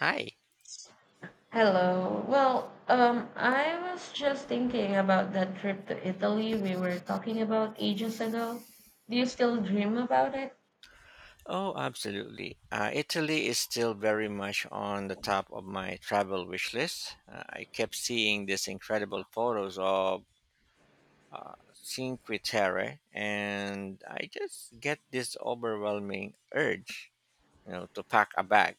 Hi. Hello. I was just thinking about that trip to Italy we were talking about ages ago. Do you still dream about it? Oh, absolutely. Italy is still very much on the top of my travel wish list. I kept seeing these incredible photos of Cinque Terre, and I just get this overwhelming urge, to pack a bag.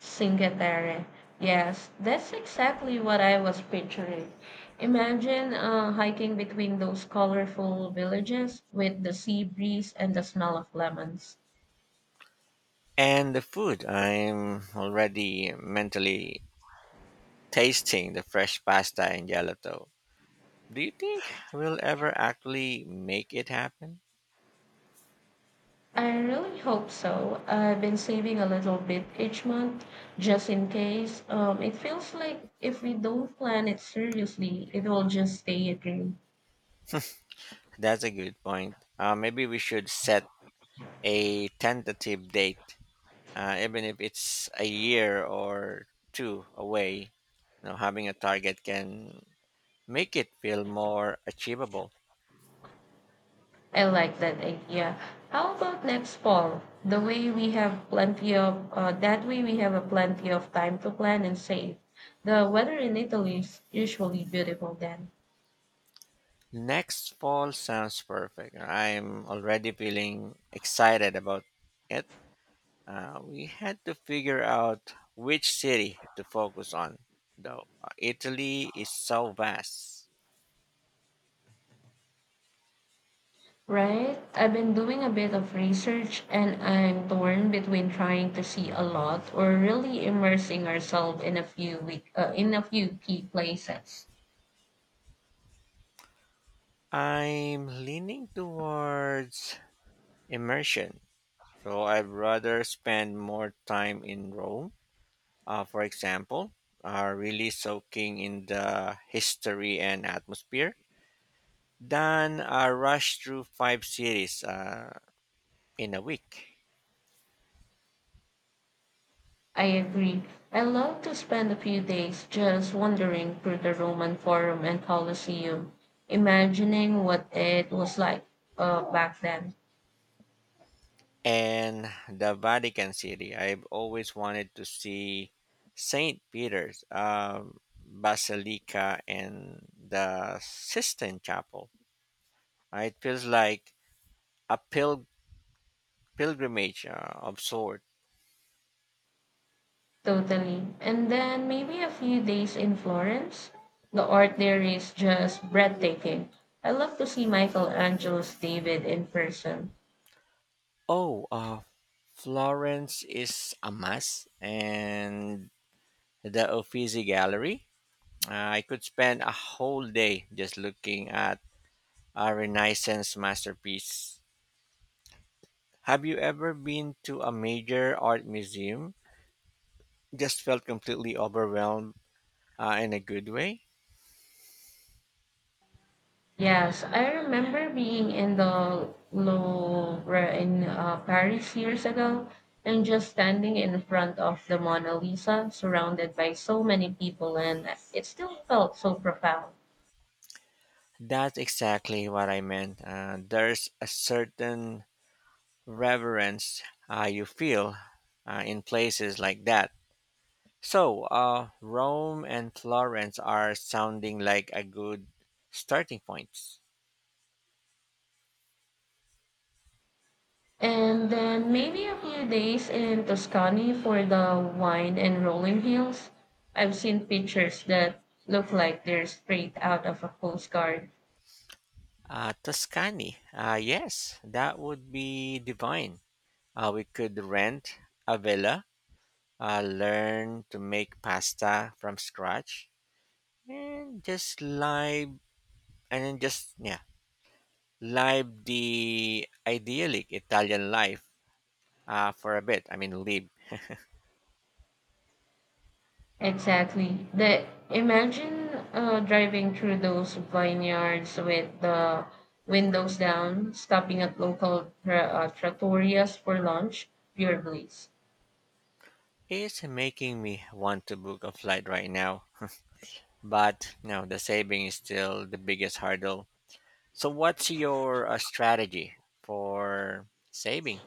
Cinque Terre. Yes, that's exactly what I was picturing. Imagine hiking between those colorful villages with the sea breeze and the smell of lemons. And the food, I'm already mentally tasting the fresh pasta and gelato. Do you think we'll ever actually make it happen? I really hope so. I've been saving a little bit each month just in case. It feels like if we don't plan it seriously, it will just stay a dream. That's a good point. Maybe we should set a tentative date, even if it's a year or two away. You know, having a target can make it feel more achievable. I like that idea. How about next fall? The way we have plenty of That way we have a plenty of time to plan and save. The weather in Italy is usually beautiful then. Next fall sounds perfect. I'm already feeling excited about it. We had to figure out which city to focus on, though. Italy is so vast. Right? I've been doing a bit of research and I'm torn between trying to see a lot or really immersing ourselves in a few week in a few key places. I'm leaning towards immersion. So I'd rather spend more time in Rome, for example, really soaking in the history and atmosphere, than rush through five cities in a week. I agree. I love to spend a few days just wandering through the Roman Forum and Colosseum, imagining what it was like back then. And the Vatican City, I've always wanted to see St. Peter's Basilica and the Sistine Chapel. It feels like a pilgrimage of sort. Totally. And then maybe a few days in Florence. The art there is just breathtaking. I love to see Michelangelo's David in person. Oh, Florence is a must, and the Uffizi Gallery. I could spend a whole day just looking at a Renaissance masterpiece. Have you ever been to a major art museum? Just felt completely overwhelmed in a good way? Yes, I remember being in the Louvre in Paris years ago and just standing in front of the Mona Lisa, surrounded by so many people, and it still felt so profound. That's exactly what I meant. There's a certain reverence you feel in places like that. So, Rome and Florence are sounding like a good starting points. And then maybe a few days in Tuscany for the wine and rolling hills. I've seen pictures that look like they're straight out of a postcard. Tuscany, yes, that would be divine. We could rent a villa, learn to make pasta from scratch, and just live, and then just yeah, live the idyllic Italian life for a bit. I mean, live Exactly. The imagine Driving through those vineyards with the windows down, stopping at local trattorias for lunch. Pure bliss. is making me want to book a flight right now. But no, the saving is still the biggest hurdle. So what's your strategy for saving?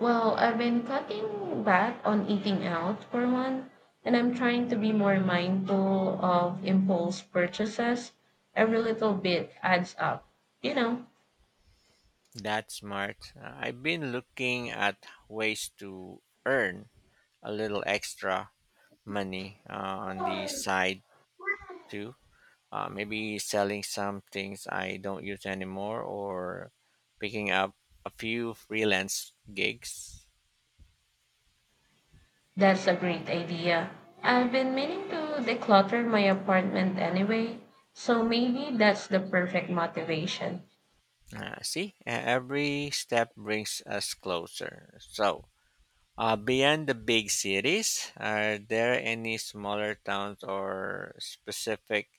Well, I've been cutting back on eating out for one, and I'm trying to be more mindful of impulse purchases. Every little bit adds up. You know, That's smart. I've been looking at ways to earn a little extra money on the side too, maybe selling some things I don't use anymore or picking up a few freelance gigs. that's a great idea. I've been meaning to declutter my apartment anyway, so maybe that's the perfect motivation. Every step brings us closer. So beyond the big cities, are there any smaller towns or specific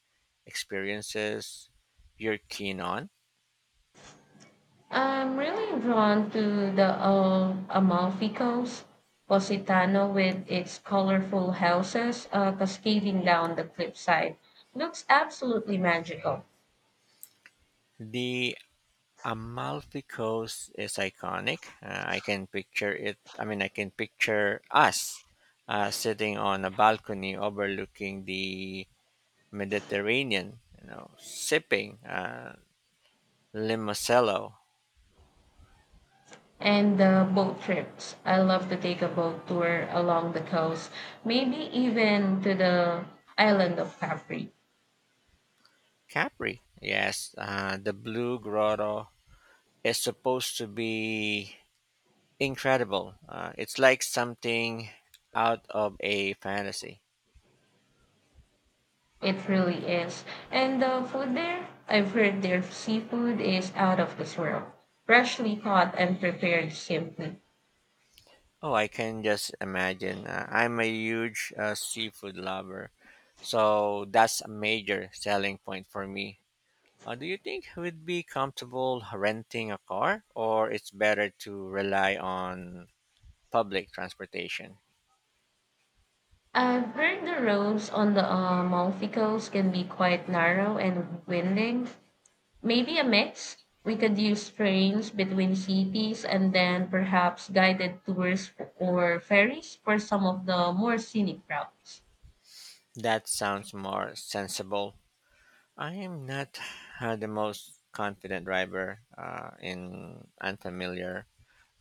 experiences you're keen on? I'm really drawn to the Amalfi Coast, Positano with its colorful houses cascading down the cliffside. Looks absolutely magical. The Amalfi Coast is iconic. I can picture it. I mean, I can picture us sitting on a balcony overlooking the Mediterranean, you know, sipping Limosello. And the boat trips. I love to take a boat tour along the coast, maybe even to the island of Capri. Capri. Yes, the Blue Grotto is supposed to be incredible. It's like something out of a fantasy. It really is. And the food there, I've heard their seafood is out of this world. Freshly caught and prepared simply. Oh, I can just imagine. I'm a huge seafood lover, so that's a major selling point for me. Do you think we'd be comfortable renting a car, or it's better to rely on public transportation? I've heard the roads on the Monticles can be quite narrow and winding. Maybe a mix. We could use trains between cities and then perhaps guided tours or ferries for some of the more scenic routes. That sounds more sensible. I am not the most confident driver in unfamiliar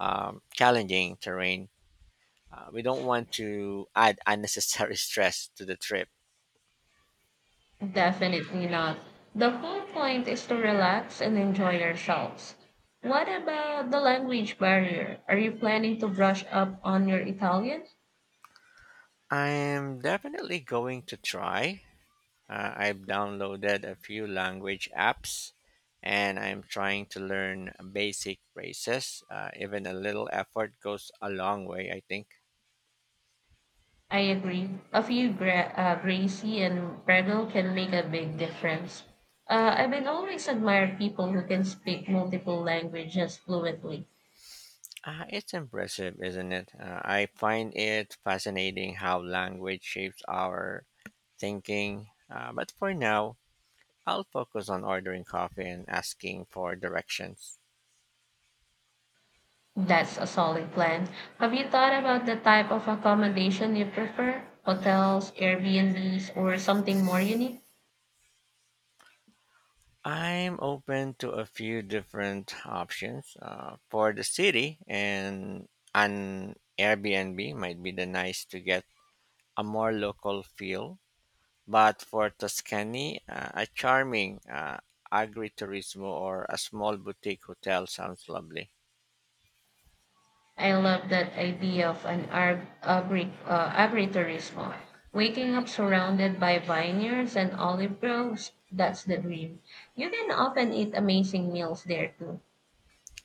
challenging terrain. We don't want to add unnecessary stress to the trip. Definitely not. The whole point is to relax and enjoy ourselves. What about the language barrier? Are you planning to brush up on your Italian? I'm definitely going to try. I've downloaded a few language apps and I'm trying to learn basic phrases. Even a little effort goes a long way, I think. I agree. A few brazy and bridle can make a big difference. I've been always admired people who can speak multiple languages fluently. It's impressive, isn't it? I find it fascinating how language shapes our thinking. But for now, I'll focus on ordering coffee and asking for directions. That's a solid plan. Have you thought about the type of accommodation you prefer? Hotels, Airbnbs, or something more unique? I'm open to a few different options for the city, and an Airbnb might be the nice to get a more local feel. But for Tuscany, a charming agriturismo or a small boutique hotel sounds lovely. I love that idea of an agritourism. Waking up surrounded by vineyards and olive groves, that's the dream. You can often eat amazing meals there too.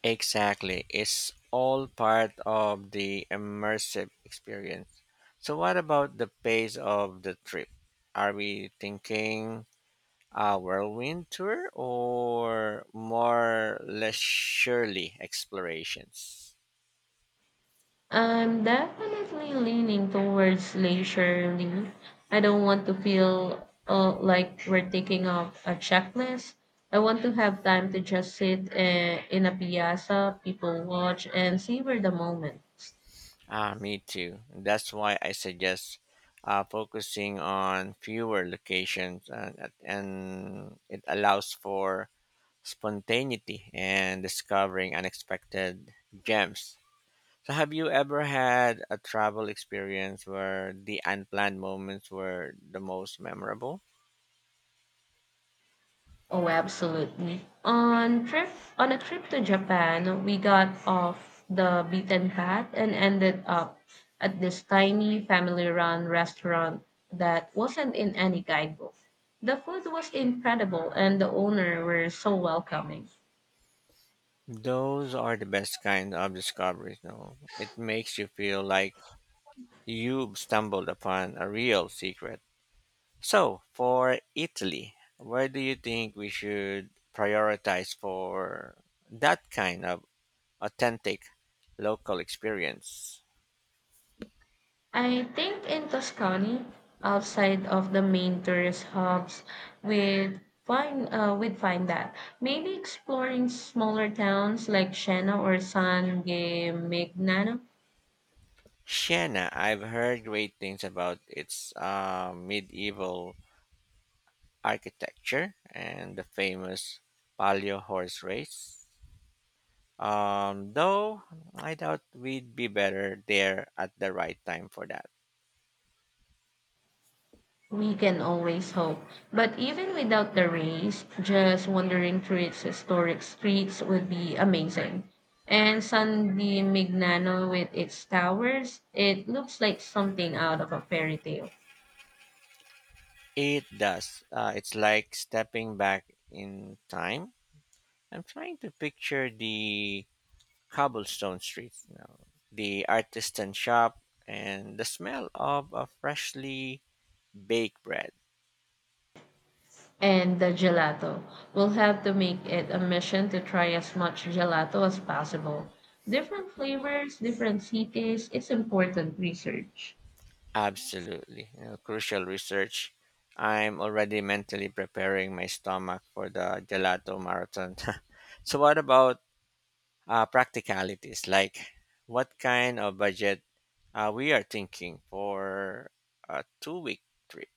Exactly, it's all part of the immersive experience. So, what about the pace of the trip? Are we thinking a whirlwind tour or more leisurely explorations? I'm definitely leaning towards leisurely. I don't want to feel like we're taking off a checklist. I want to have time to just sit in a piazza, people watch, and savor the moment. Ah, me too. That's why I suggest focusing on fewer locations, and it allows for spontaneity and discovering unexpected gems. So, have you ever had a travel experience where the unplanned moments were the most memorable? Oh, absolutely. On a trip to Japan, we got off the beaten path and ended up at this tiny family-run restaurant that wasn't in any guidebook. The food was incredible and the owner were so welcoming. Those are the best kind of discoveries, no? It makes you feel like you've stumbled upon a real secret. So, for Italy, where do you think we should prioritize for that kind of authentic local experience? I think in Tuscany, outside of the main tourist hubs, we'd find that maybe exploring smaller towns like Siena or San Gimignano. Siena, I've heard great things about its medieval architecture and the famous Palio horse race. Though I doubt we'd be better there at the right time for that. We can always hope. But even without the race, just wandering through its historic streets would be amazing. And San Di Mignano with its towers, it looks like something out of a fairy tale. It does. It's like stepping back in time. I'm trying to picture the cobblestone streets now, the artisan shop, and the smell of a freshly baked bread. And the gelato. We'll have to make it a mission to try as much gelato as possible. Different flavors, different cities, it's important research. Absolutely. You know, crucial research. I'm already mentally preparing my stomach for the gelato marathon. So what about practicalities? Like what kind of budget we are thinking for a 2-week trip?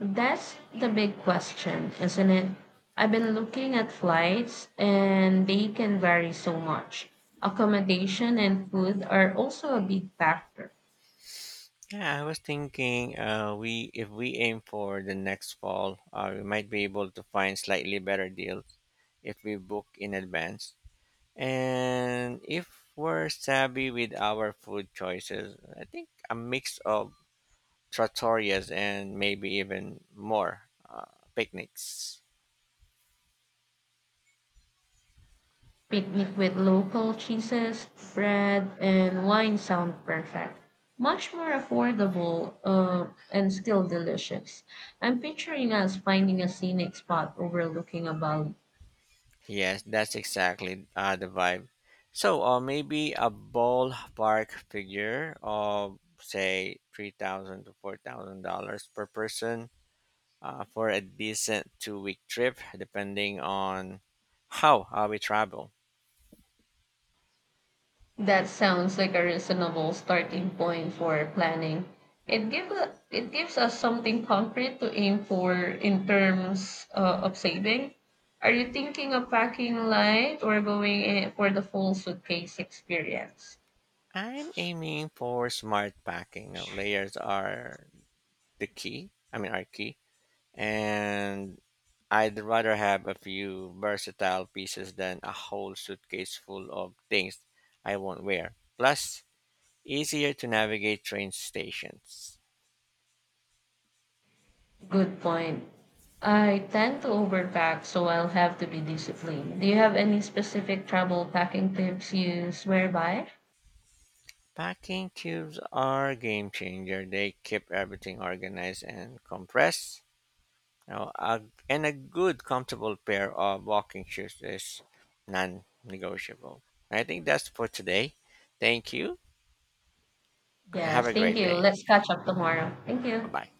That's the big question, isn't it? I've been looking at flights and they can vary so much. Accommodation and food are also a big factor. Yeah, I was thinking we if we aim for the next fall, we might be able to find slightly better deal if we book in advance. And if we're savvy with our food choices, I think a mix of trattorias and maybe even more uh, picnics. Picnic with local cheeses, bread, and wine sound perfect. Much more affordable and still delicious. I'm picturing us finding a scenic spot overlooking a valley. Yes, that's exactly the vibe. So, maybe a ballpark figure of say three thousand to $4,000 per person for a decent two-week trip, depending on how we travel. That sounds like a reasonable starting point for planning. It gives us something concrete to aim for in terms of saving. Are you thinking of packing light or going in for the full suitcase experience? I'm aiming for smart packing. Layers are the key. I mean, are key. And I'd rather have a few versatile pieces than a whole suitcase full of things I won't wear. Plus, easier to navigate train stations. Good point. I tend to overpack, so I'll have to be disciplined. Do you have any specific travel packing tips you swear by? Packing cubes are a game changer. They keep everything organized and compressed. Now, a, and a good, comfortable pair of walking shoes is non negotiable. I think that's for today. Thank you. Yeah, Have a thank great you. day. Let's catch up tomorrow. Thank Bye you. bye.